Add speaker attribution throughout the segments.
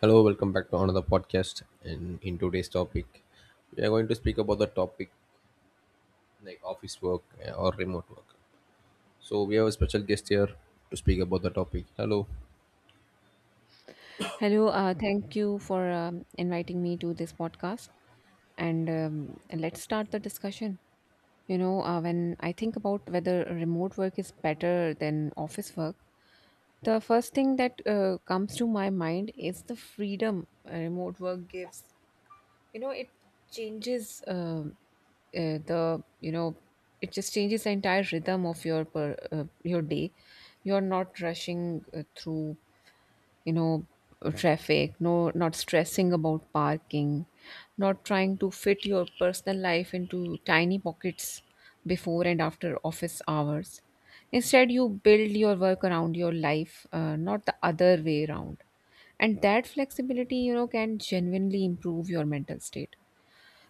Speaker 1: Hello, welcome back to another podcast. And in today's topic, we are going to speak about the topic like office work or remote work. So we have a special guest here to speak about the topic. Hello.
Speaker 2: Hello, thank you for inviting me to this podcast. And let's start the discussion. When I think about whether remote work is better than office work, the first thing that comes to my mind is the freedom remote work gives. You know, it changes um uh, the you know changes the entire rhythm of your day. You're not rushing through you know traffic, no not stressing about parking, not trying to fit your personal life into tiny pockets before and after office hours. Instead, you build your work around your life, not the other way around, and that flexibility, you know, can genuinely improve your mental state.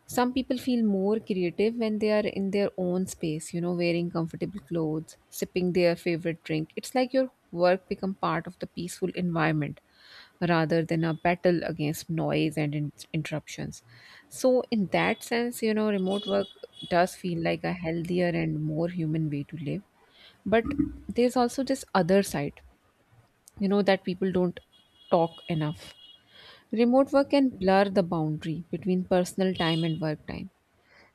Speaker 2: Some people feel more creative when they are in their own space, you know, wearing comfortable clothes, sipping their favorite drink. It's like your work become part of the peaceful environment rather than a battle against noise and interruptions. So, in that sense, you know, remote work does feel like a healthier and more human way to live. But there's also this other side, you know, that people don't talk enough. Remote work can blur the boundary between personal time and work time.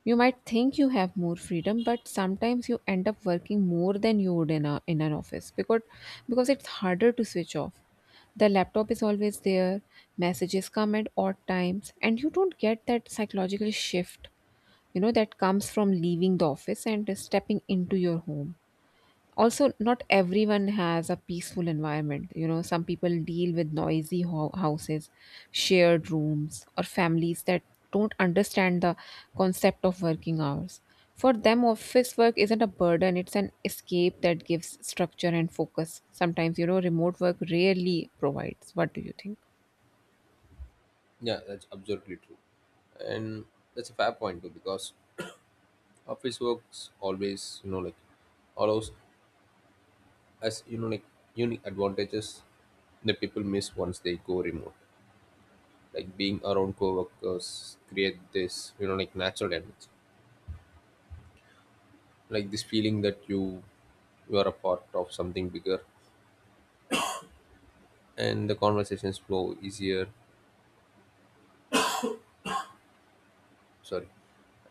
Speaker 2: You might think you have more freedom, but sometimes you end up working more than you would in an office because it's harder to switch off. The laptop is always there, messages come at odd times, and you don't get that psychological shift, you know, that comes from leaving the office and stepping into your home. Also, not everyone has a peaceful environment. You know, some people deal with noisy houses, shared rooms, or families that don't understand the concept of working hours. For them, office work isn't a burden, it's an escape that gives structure and focus sometimes, you know. Remote work rarely provides. What do you think?
Speaker 1: Yeah, that's absolutely true, and that's a fair point too because office works always allows as you know like unique advantages that people miss once they go remote. Like being around co-workers create this natural energy like this feeling that you are a part of something bigger, and the conversations flow easier, sorry,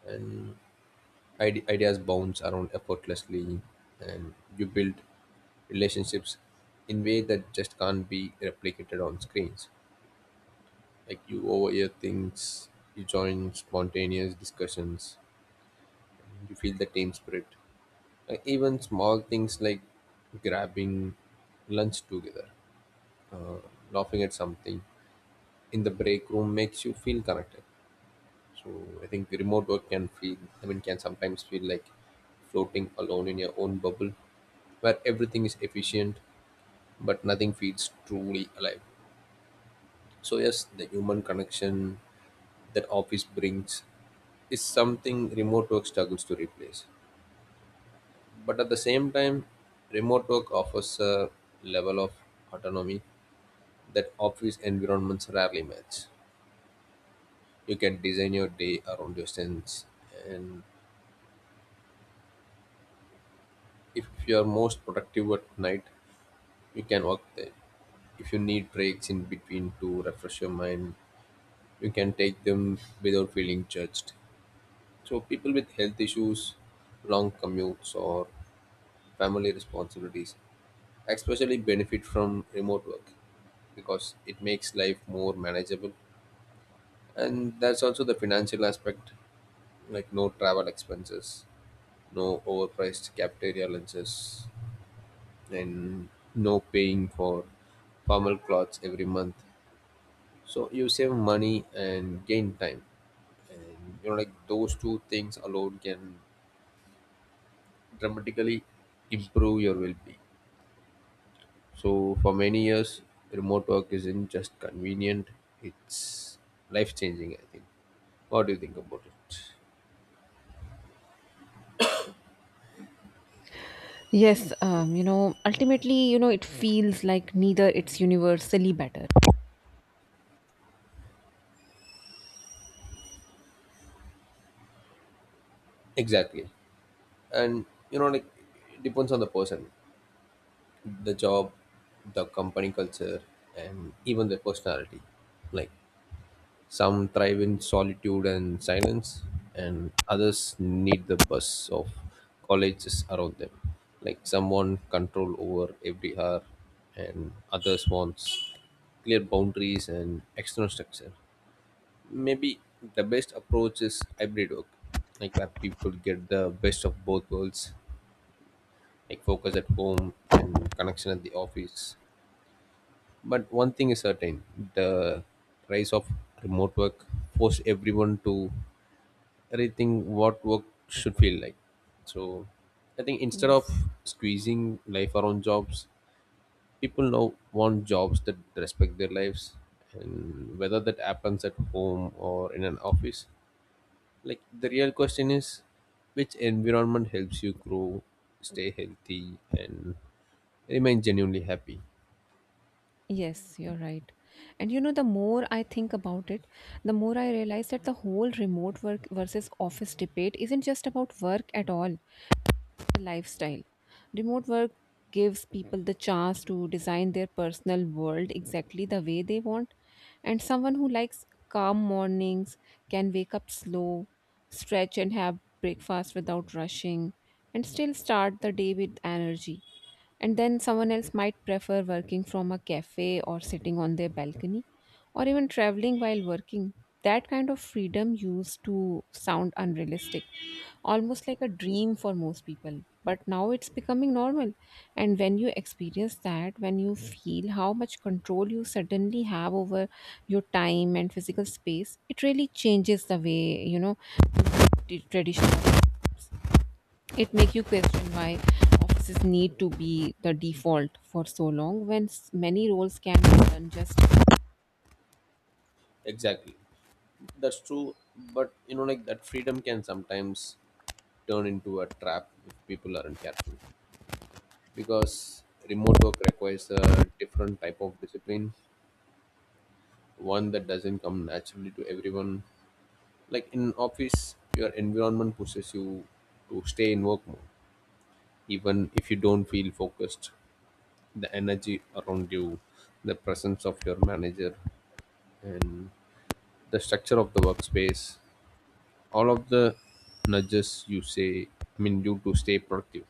Speaker 1: and ideas bounce around effortlessly, and you build relationships in way that just can't be replicated on screens. Like you overhear things, you join spontaneous discussions, you feel the team spirit, like even small things like grabbing lunch together, uh, laughing at something in the break room, makes you feel connected. So I think remote work can feel, I mean, can sometimes feel like floating alone in your own bubble, where everything is efficient but nothing feels truly alive. So, yes, the human connection that office brings is something remote work struggles to replace. But at the same time, remote work offers a level of autonomy that office environments rarely match. You can design your day around your strengths, and if you're most productive at night, you can work then. If you need breaks in between to refresh your mind, you can take them without feeling judged. So, people with health issues, long commutes, or family responsibilities especially benefit from remote work because it makes life more manageable. And that's also the financial aspect, like no travel expenses, no overpriced cafeteria lunches, and no paying for formal clothes every month. So you save money and gain time, and those two things alone can dramatically improve your well-being. So for many years, remote work isn't just convenient, it's life-changing, I think. What do you think about it?
Speaker 2: Yes, you know, ultimately, you know, it feels like neither it's universally better.
Speaker 1: Exactly. And it depends on the person, the job, the company culture, and even their personality. Like some thrive in solitude and silence, and others need the buzz of colleges around them. Like some want control over every hour, and others wants clear boundaries and external structure. Maybe the best approach is hybrid work, like where people get the best of both worlds, like focus at home and connection at the office. But one thing is certain, the rise of remote work forced everyone to rethink what work should feel like. So I think instead of
Speaker 2: Yes,
Speaker 1: squeezing life around jobs, people now want jobs that respect their lives, and whether that happens at home or in an office. Like the real question is which environment helps you grow, stay healthy, and remain genuinely happy.
Speaker 2: yes, you're right. And you know, the more I think about it, the more I realize that the whole remote work versus office debate isn't just about work at all, the lifestyle. Remote work gives people the chance to design their personal world exactly the way they want. And someone who likes calm mornings can wake up slow, stretch, and have breakfast without rushing, and still start the day with energy. And then someone else might prefer working from a cafe or sitting on their balcony or even traveling while working. That kind of freedom used to sound unrealistic, almost like a dream for most people. But now it's becoming normal. And when you experience that, when you feel how much control you suddenly have over your time and physical space, it really changes the way, you know, the traditional, it make you question why offices need to be the default for so long when many roles can be done just.
Speaker 1: Exactly. That's true. But you know, like that freedom can sometimes turn into a trap if people aren't careful, because remote work requires a different type of discipline, one that doesn't come naturally to everyone. Like in office your environment pushes you to stay in work mode even if you don't feel focused. The energy around you, the presence of your manager, and the structure of the workspace, all of the nudges you, say, I mean, you to stay productive.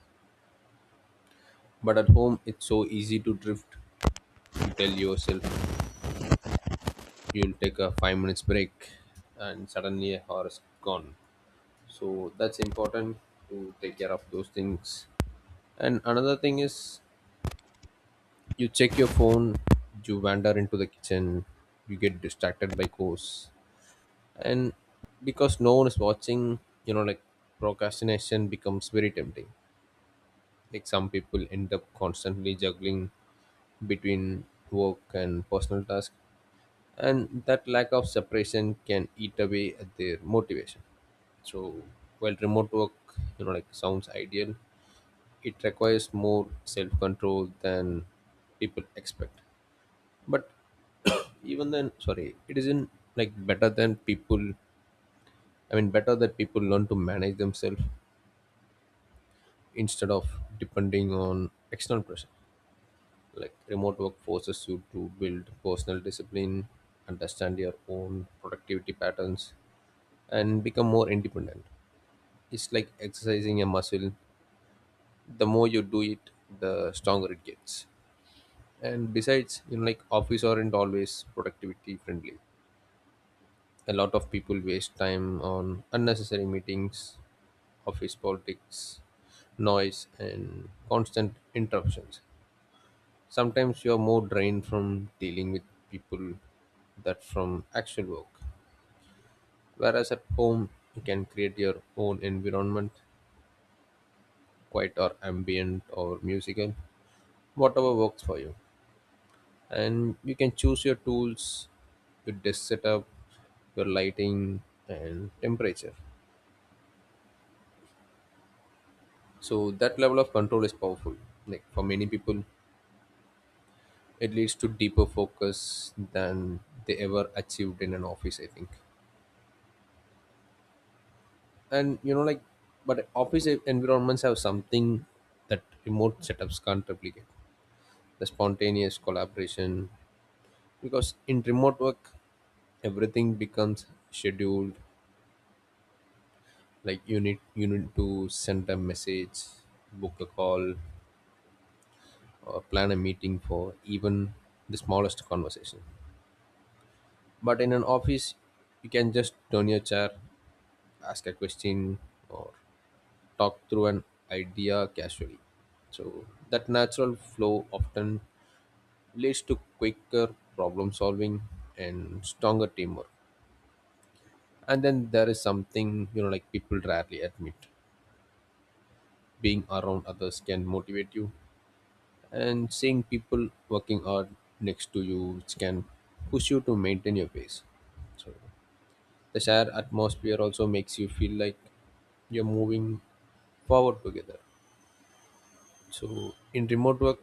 Speaker 1: But at home it's so easy to drift. You tell yourself you'll take a 5 minute break, and suddenly a hour is gone. So that's important to take care of those things. And another thing is, you check your phone, you wander into the kitchen, you get distracted by course, and because no one is watching, you know like procrastination becomes very tempting. Like some people end up constantly juggling between work and personal tasks, and that lack of separation can eat away at their motivation. So while remote work, you know, like sounds ideal, it requires more self-control than people expect. But even then, sorry, it isn't like better than people. I mean, better that people learn to manage themselves instead of depending on external pressure. Like remote work forces you to build personal discipline, understand your own productivity patterns, and become more independent. It's like exercising a muscle, the more you do it the stronger it gets. And besides, office aren't always productivity friendly. A lot of people waste time on unnecessary meetings, office politics, noise, and constant interruptions. Sometimes you're more drained from dealing with people that from actual work. Whereas at home you can create your own environment, quiet or ambient or musical, whatever works for you. And you can choose your tools, your desk setup, your lighting, and temperature. So that level of control is powerful. Like for many people it leads to deeper focus than they ever achieved in an office, I think. And but office environments have something that remote setups can't replicate, the spontaneous collaboration. Because in remote work everything becomes scheduled. Like you need to send a message, book a call, or plan a meeting for even the smallest conversation. But in an office you can just turn your chair, ask a question, or talk through an idea casually. So that natural flow often leads to quicker problem solving and stronger teamwork. And then there is something people rarely admit, being around others can motivate you, and seeing people working hard next to you which can push you to maintain your pace. So the shared atmosphere also makes you feel like you're moving forward together. So in remote work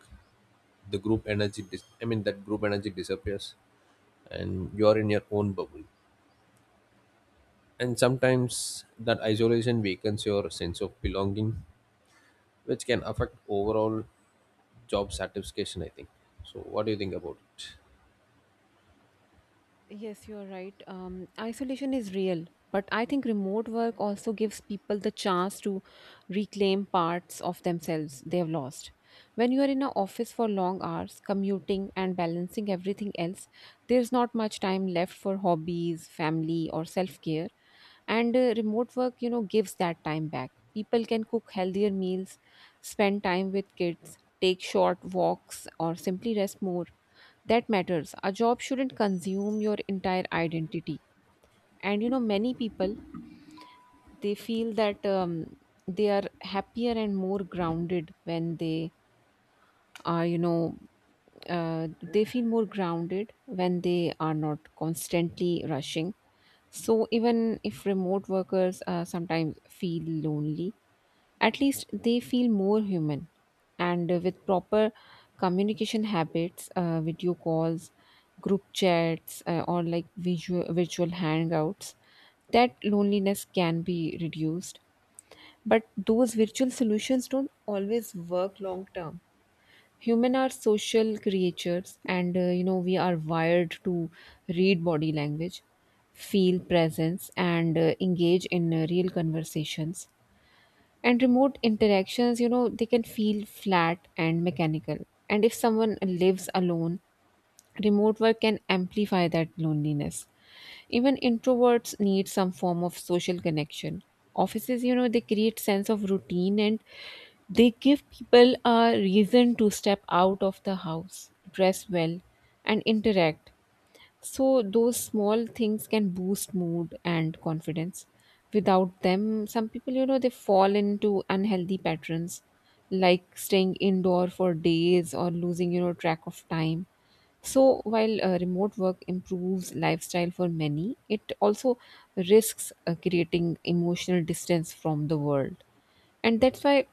Speaker 1: the group energy that group energy disappears, and you're in your own bubble, and sometimes that isolation weakens your sense of belonging, which can affect overall job satisfaction, I think. So what do you think about it?
Speaker 2: Yes, you are right. Isolation is real, but I think remote work also gives people the chance to reclaim parts of themselves they have lost. When you are in an office for long hours, commuting and balancing everything else, there's not much time left for hobbies, family, or self care. And remote work, you know, gives that time back. People can cook healthier meals, spend time with kids, take short walks, or simply rest more. That matters. A job shouldn't consume your entire identity. And you know, many people, they feel that, they are happier and more grounded when they are you know uh, they feel more grounded when they are not constantly rushing. So even if remote workers sometimes feel lonely, at least they feel more human. And with proper communication habits, video calls, group chats, or virtual hangouts, that loneliness can be reduced. But those virtual solutions don't always work long term. Human are social creatures, and you know, we are wired to read body language, feel presence, and engage in real conversations. And remote interactions, you know, they can feel flat and mechanical. And if someone lives alone, remote work can amplify that loneliness. Even introverts need some form of social connection. Offices, you know, they create sense of routine, and they give people a reason to step out of the house, dress well, and interact. So those small things can boost mood and confidence. Without them, some people, you know, they fall into unhealthy patterns like staying indoor for days or losing, you know, track of time. So while remote work improves lifestyle for many, it also risks creating emotional distance from the world. And that's why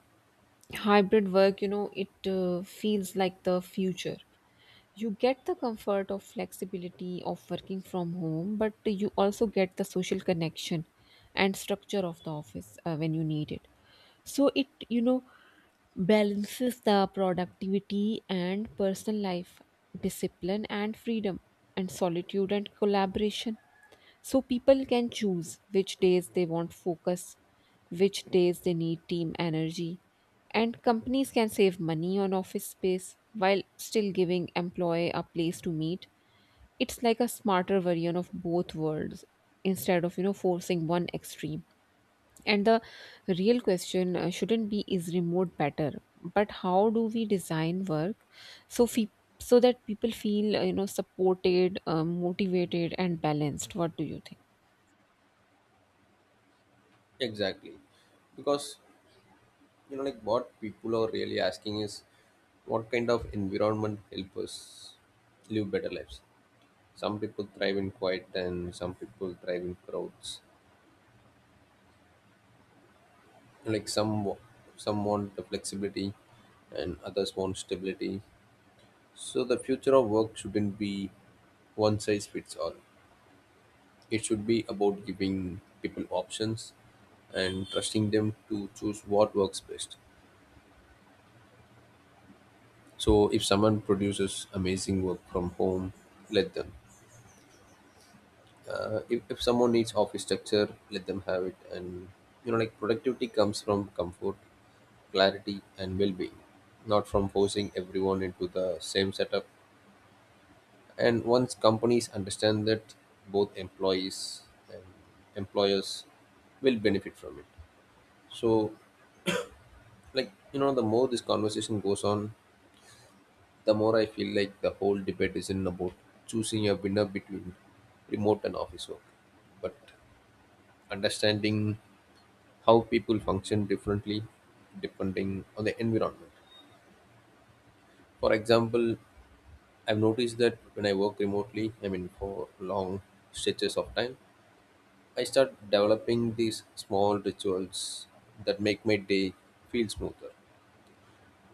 Speaker 2: hybrid work, you know, it feels like the future. You get the comfort of flexibility of working from home, but you also get the social connection and structure of the office when you need it. So it, you know, balances the productivity and personal life, discipline and freedom, and solitude and collaboration. So people can choose which days they want focus, which days they need team energy, and companies can save money on office space while still giving employee a place to meet. It's like a smarter version of both worlds instead of, you know, forcing one extreme. And the real question shouldn't be is remote better, but how do we design work so fe- so that people feel, you know, supported, motivated, and balanced? What do you think?
Speaker 1: Exactly. Because what people are really asking is what kind of environment help us live better lives. Some people thrive in quiet and some people thrive in crowds. Like some want the flexibility and others want stability. So the future of work shouldn't be one size fits all. It should be about giving people options and trusting them to choose what works best. So if someone produces amazing work from home, let them. If someone needs office structure, let them have it. And productivity comes from comfort, clarity, and well-being, not from forcing everyone into the same setup. And once companies understand that, both employees and employers will benefit from it. So the more this conversation goes on, the more I feel like the whole debate isn't about choosing a winner between remote and office work, but understanding how people function differently depending on the environment. For example, I've noticed that when I work remotely, I mean for long stretches of time, I start developing these small rituals that make my day feel smoother,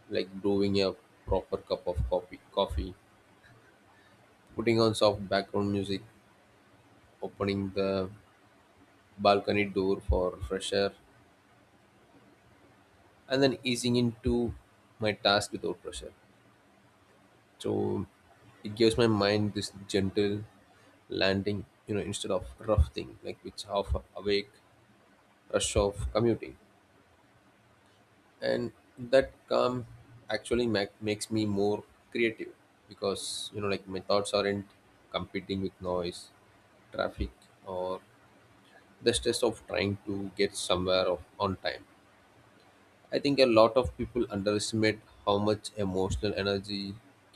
Speaker 1: like brewing a proper cup of coffee, putting on soft background music, opening the balcony door for fresh air, and then easing into my task without pressure. So it gives my mind this gentle landing, you know, instead of rough thing like which half awake rush of commuting. And that calm actually makes me more creative because my thoughts aren't competing with noise, traffic, or the stress of trying to get somewhere of, on time. I think a lot of people underestimate how much emotional energy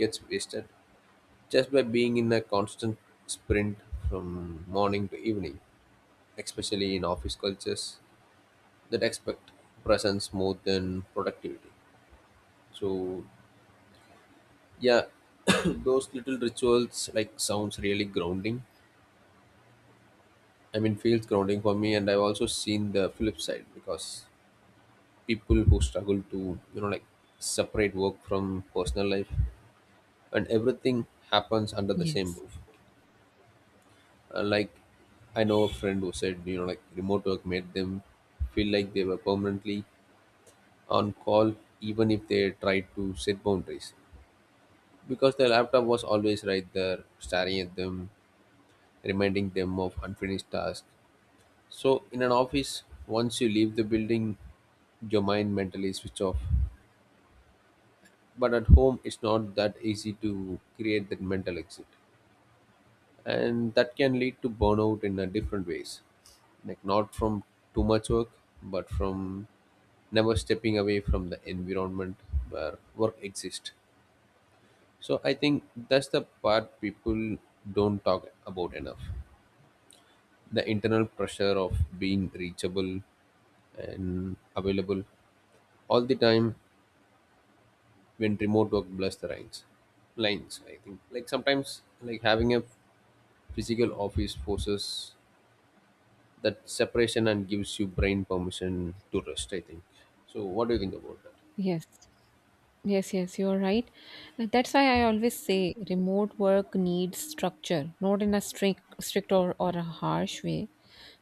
Speaker 1: gets wasted just by being in a constant sprint from morning to evening, especially in office cultures that expect presence more than productivity. So yeah, those little rituals like sounds really grounding. I mean, feels grounding for me, and I've also seen the flip side because people who struggle to separate work from personal life, and everything happens under the same
Speaker 2: Yes,
Speaker 1: roof. Like I know a friend who said remote work made them feel like they were permanently on call even if they tried to set boundaries, because the laptop was always right there staring at them, reminding them of unfinished tasks. So in an office once you leave the building your mind mentally switch off, but at home it's not that easy to create that mental exit. And that can lead to burnout in a different ways, like not from too much work, but from never stepping away from the environment where work exists. So I think that's the part people don't talk about enough, the internal pressure of being reachable and available all the time when remote work blurs the lines. I think like sometimes like having a physical office forces that separation and gives you brain permission to rest, I think. So what do you think about that?
Speaker 2: yes, yes, yes, you're right. And that's why I always say remote work needs structure, not in a strict or a harsh way,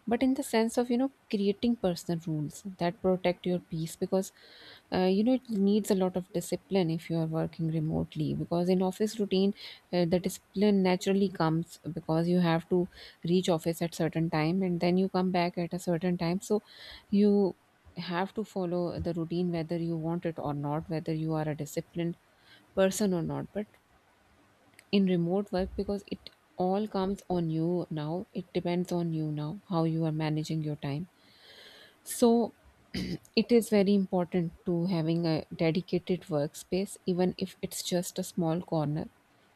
Speaker 2: but in the sense of, you know, creating personal rules that protect your peace because, you know, it needs a lot of discipline if you are working remotely because in office routine, the discipline naturally comes because you have to reach office at certain time and then you come back at a certain time. So you have to follow the routine whether you want it or not, whether you are a disciplined person or not. But in remote work, because it all comes on you now, it depends on you now, how you are managing your time. So it is very important to having a dedicated workspace, even if it's just a small corner,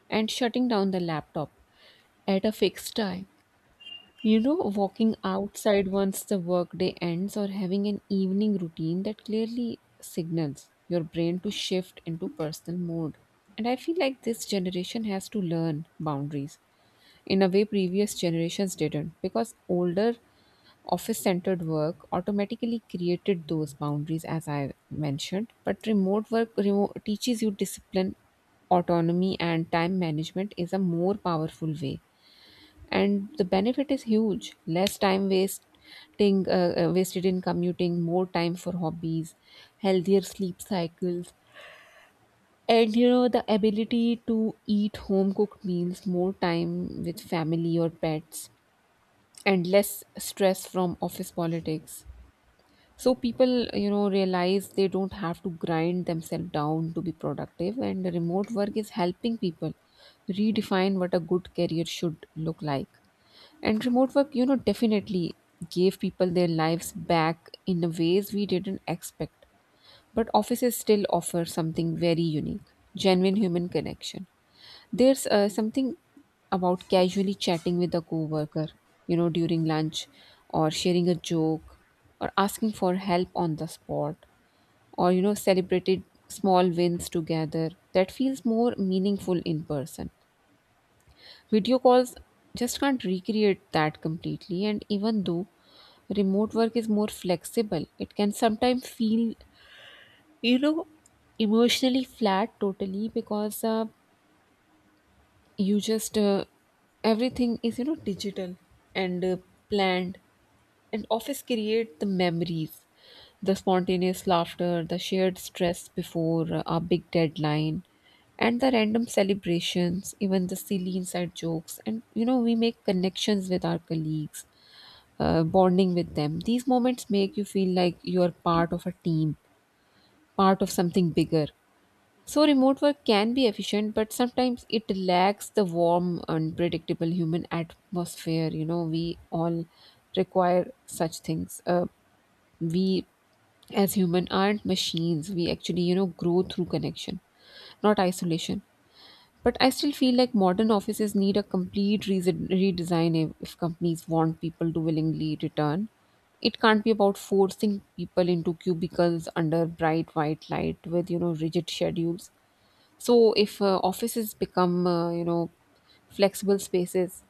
Speaker 2: and shutting down the laptop at a fixed time, you know, walking outside once the workday ends or having an evening routine that clearly signals your brain to shift into personal mode. And I feel like this generation has to learn boundaries in a way previous generations didn't, because older office centered work automatically created those boundaries as I mentioned. But remote work remote teaches you discipline, autonomy, and time management is a more powerful way. And the benefit is huge: less time wasting wasted in commuting, more time for hobbies, healthier sleep cycles, and you know, the ability to eat home cooked meals, more time with family or pets, and less stress from office politics. So people, you know, realize they don't have to grind themselves down to be productive, and remote work is helping people redefine what a good career should look like. And remote work, you know, definitely gave people their lives back in the ways we didn't expect. But offices still offer something very unique: genuine human connection. There's something about casually chatting with a coworker, you know, during lunch, or sharing a joke, or asking for help on the spot, or, you know, celebrated small wins together that feels more meaningful in person. Video calls just can't recreate that completely, and even though remote work is more flexible, it can sometimes feel, you know, emotionally flat totally because you just everything is, you know, digital and planned. And office create the memories, the spontaneous laughter, the shared stress before our big deadline, and the random celebrations, even the silly inside jokes. And you know, we make connections with our colleagues, bonding with them. These moments make you feel like you are part of a team, part of something bigger. So remote work can be efficient, but sometimes it lacks the warm, unpredictable human atmosphere. You know, we all require such things. We as human aren't machines. We actually, you know, grow through connection, not isolation. But I still feel like modern offices need a complete redesign if companies want people to willingly return. It can't be about forcing people into cubicles under bright white light with, you know, rigid schedules. So if offices become, you know, flexible spaces,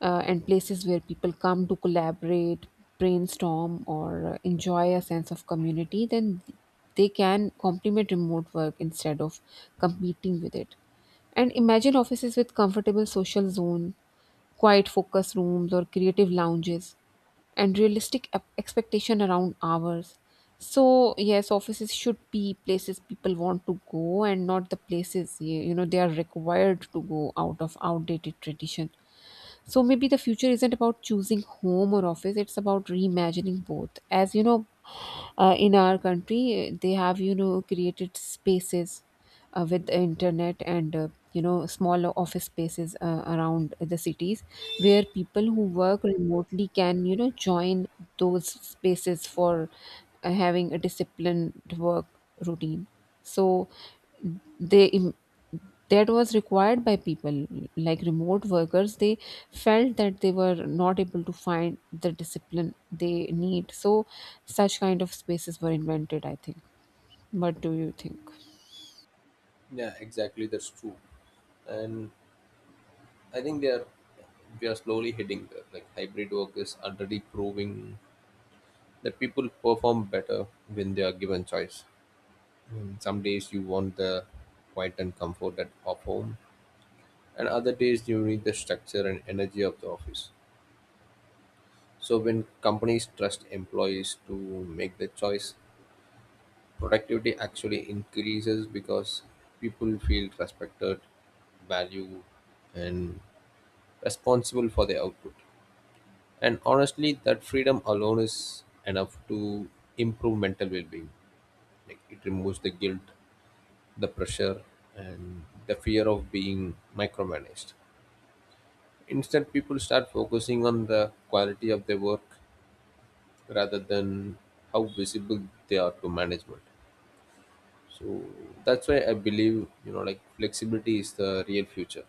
Speaker 2: and places where people come to collaborate, brainstorm, or enjoy a sense of community, then they can complement remote work instead of competing with it. And imagine offices with comfortable social zone, quiet focus rooms, or creative lounges, and realistic expectation around hours. So yes, offices should be places people want to go, and not the places you know they are required to go out of outdated tradition. So maybe the future isn't about choosing home or office, it's about reimagining both. As you know, in our country, they have, you know, created spaces with the internet, and you know, smaller office spaces around the cities where people who work remotely can, you know, join those spaces for having a disciplined work routine. So they im- that was required by people. Like remote workers, they felt that they were not able to find the discipline they need, so such kind of spaces were invented, I think. What do you think?
Speaker 1: Yeah, exactly, that's true. And I think they are we are slowly heading there. Like hybrid work is already proving that people perform better when they are given choice. Some days you want the quiet and comfort of home, and other days you need the structure and energy of the office. So, when companies trust employees to make the choice, productivity actually increases because people feel respected, valued, and responsible for their output. And honestly, that freedom alone is enough to improve mental well being. Like, it removes the guilt, the pressure, and the fear of being micromanaged. Instead, people start focusing on the quality of their work rather than how visible they are to management. So that's why I believe, you know, like flexibility is the real future,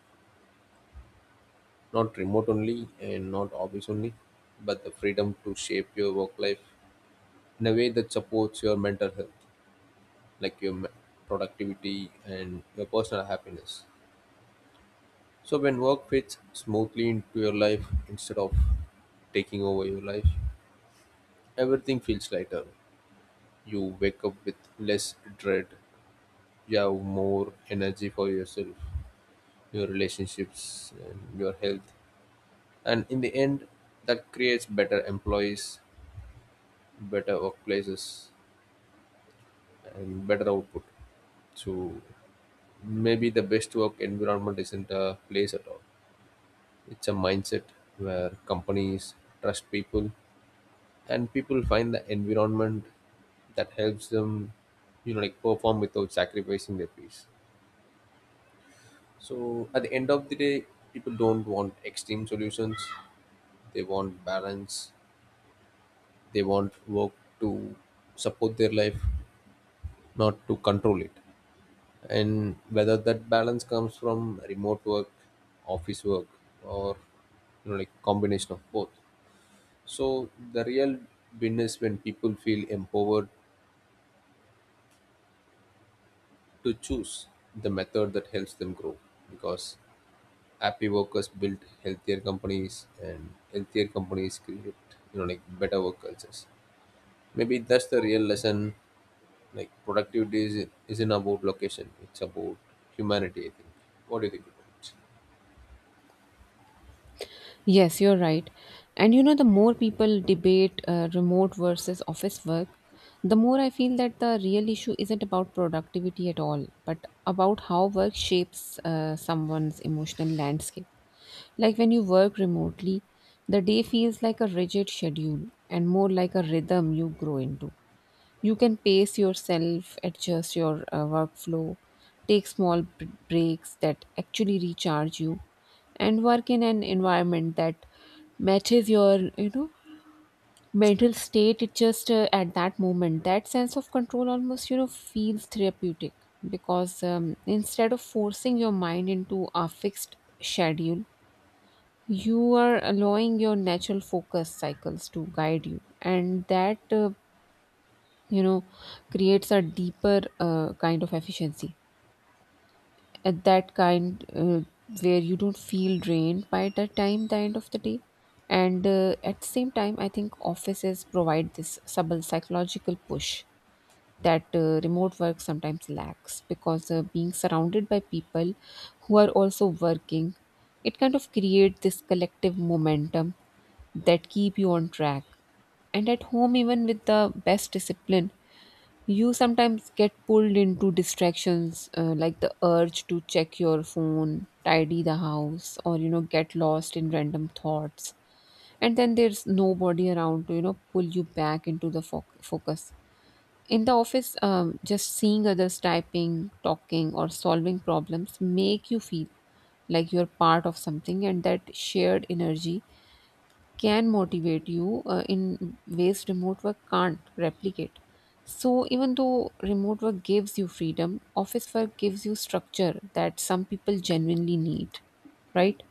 Speaker 1: not remote only and not office only, but the freedom to shape your work life in a way that supports your mental health, like your productivity and your personal happiness. So when work fits smoothly into your life instead of taking over your life, everything feels lighter. You wake up with less dread. You have more energy for yourself, your relationships, and your health. And in the end, that creates better employees, better workplaces, and better output. So maybe the best work environment isn't a place at all. It's a mindset where companies trust people and people find the environment that helps them perform without sacrificing their peace. So at the end of the day, people don't want extreme solutions, they want balance. They want work to support their life, not to control it. And whether that balance comes from remote work, office work, or combination of both, so the real win is when people feel empowered to choose the method that helps them grow, because happy workers build healthier companies, and healthier companies create better work cultures. Maybe that's the real lesson, like isn't about location, it's about humanity, I think. What do you think about it?
Speaker 2: Yes, you're right. And you know, the more people debate remote versus office work, the more I feel that the real issue isn't about productivity at all, but about how work shapes someone's emotional landscape. Like when you work remotely, the day feels like a rigid schedule and more like a rhythm you grow into. You can pace yourself, adjust your workflow, take small breaks that actually recharge you, and work in an environment that matches your, you know, mental state. It just at that moment, that sense of control almost, you know, feels therapeutic because instead of forcing your mind into a fixed schedule, you are allowing your natural focus cycles to guide you, and that, you know, creates a deeper kind of efficiency at that kind where you don't feel drained by the time the end of the day. And at the same time, I think offices provide this subtle psychological push that remote work sometimes lacks because being surrounded by people who are also working, it kind of creates this collective momentum that keep you on track. And at home, even with the best discipline, you sometimes get pulled into distractions like the urge to check your phone, tidy the house, or you know, get lost in random thoughts. And then there's nobody around to, you know, pull you back into the focus. In the office, just seeing others typing, talking, or solving problems make you feel like you're part of something, and that shared energy can motivate you in ways remote work can't replicate. So even though remote work gives you freedom, office work gives you structure that some people genuinely need, right?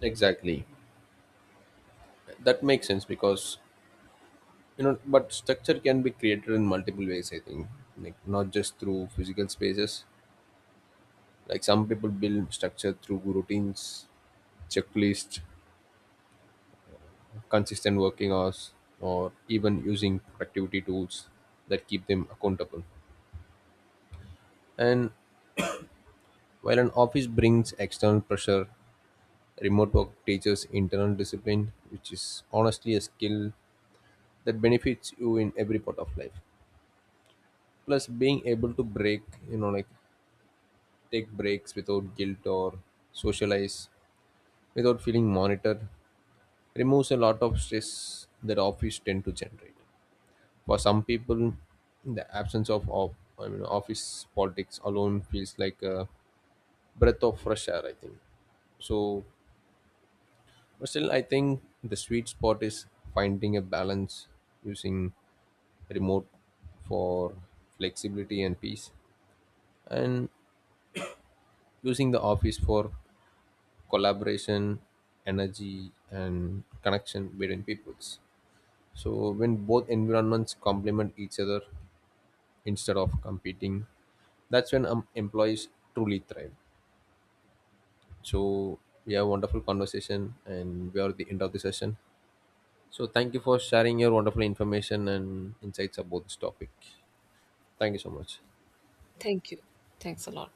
Speaker 1: Exactly. That makes sense because you know, but structure can be created in multiple ways, I think, like not just through physical spaces. Like some people build structure through routines, checklist, consistent working hours, or even using productivity tools that keep them accountable. And while an office brings external pressure, remote work teaches internal discipline, which is honestly a skill that benefits you in every part of life. Plus, being able to break, you know, like take breaks without guilt or socialize without feeling monitored removes a lot of stress that office tend to generate. For some people, the absence of I mean office politics alone feels like a breath of fresh air, I think. So, but still, I think the sweet spot is finding a balance, using remote for flexibility and peace, and using the office for collaboration, energy, and connection between peoples. So, when both environments complement each other instead of competing, that's when employees truly thrive. So we have wonderful conversation and we are at the end of the session, so thank you for sharing your wonderful information and insights about this topic. Thank you so much.
Speaker 2: Thank you. Thanks a lot.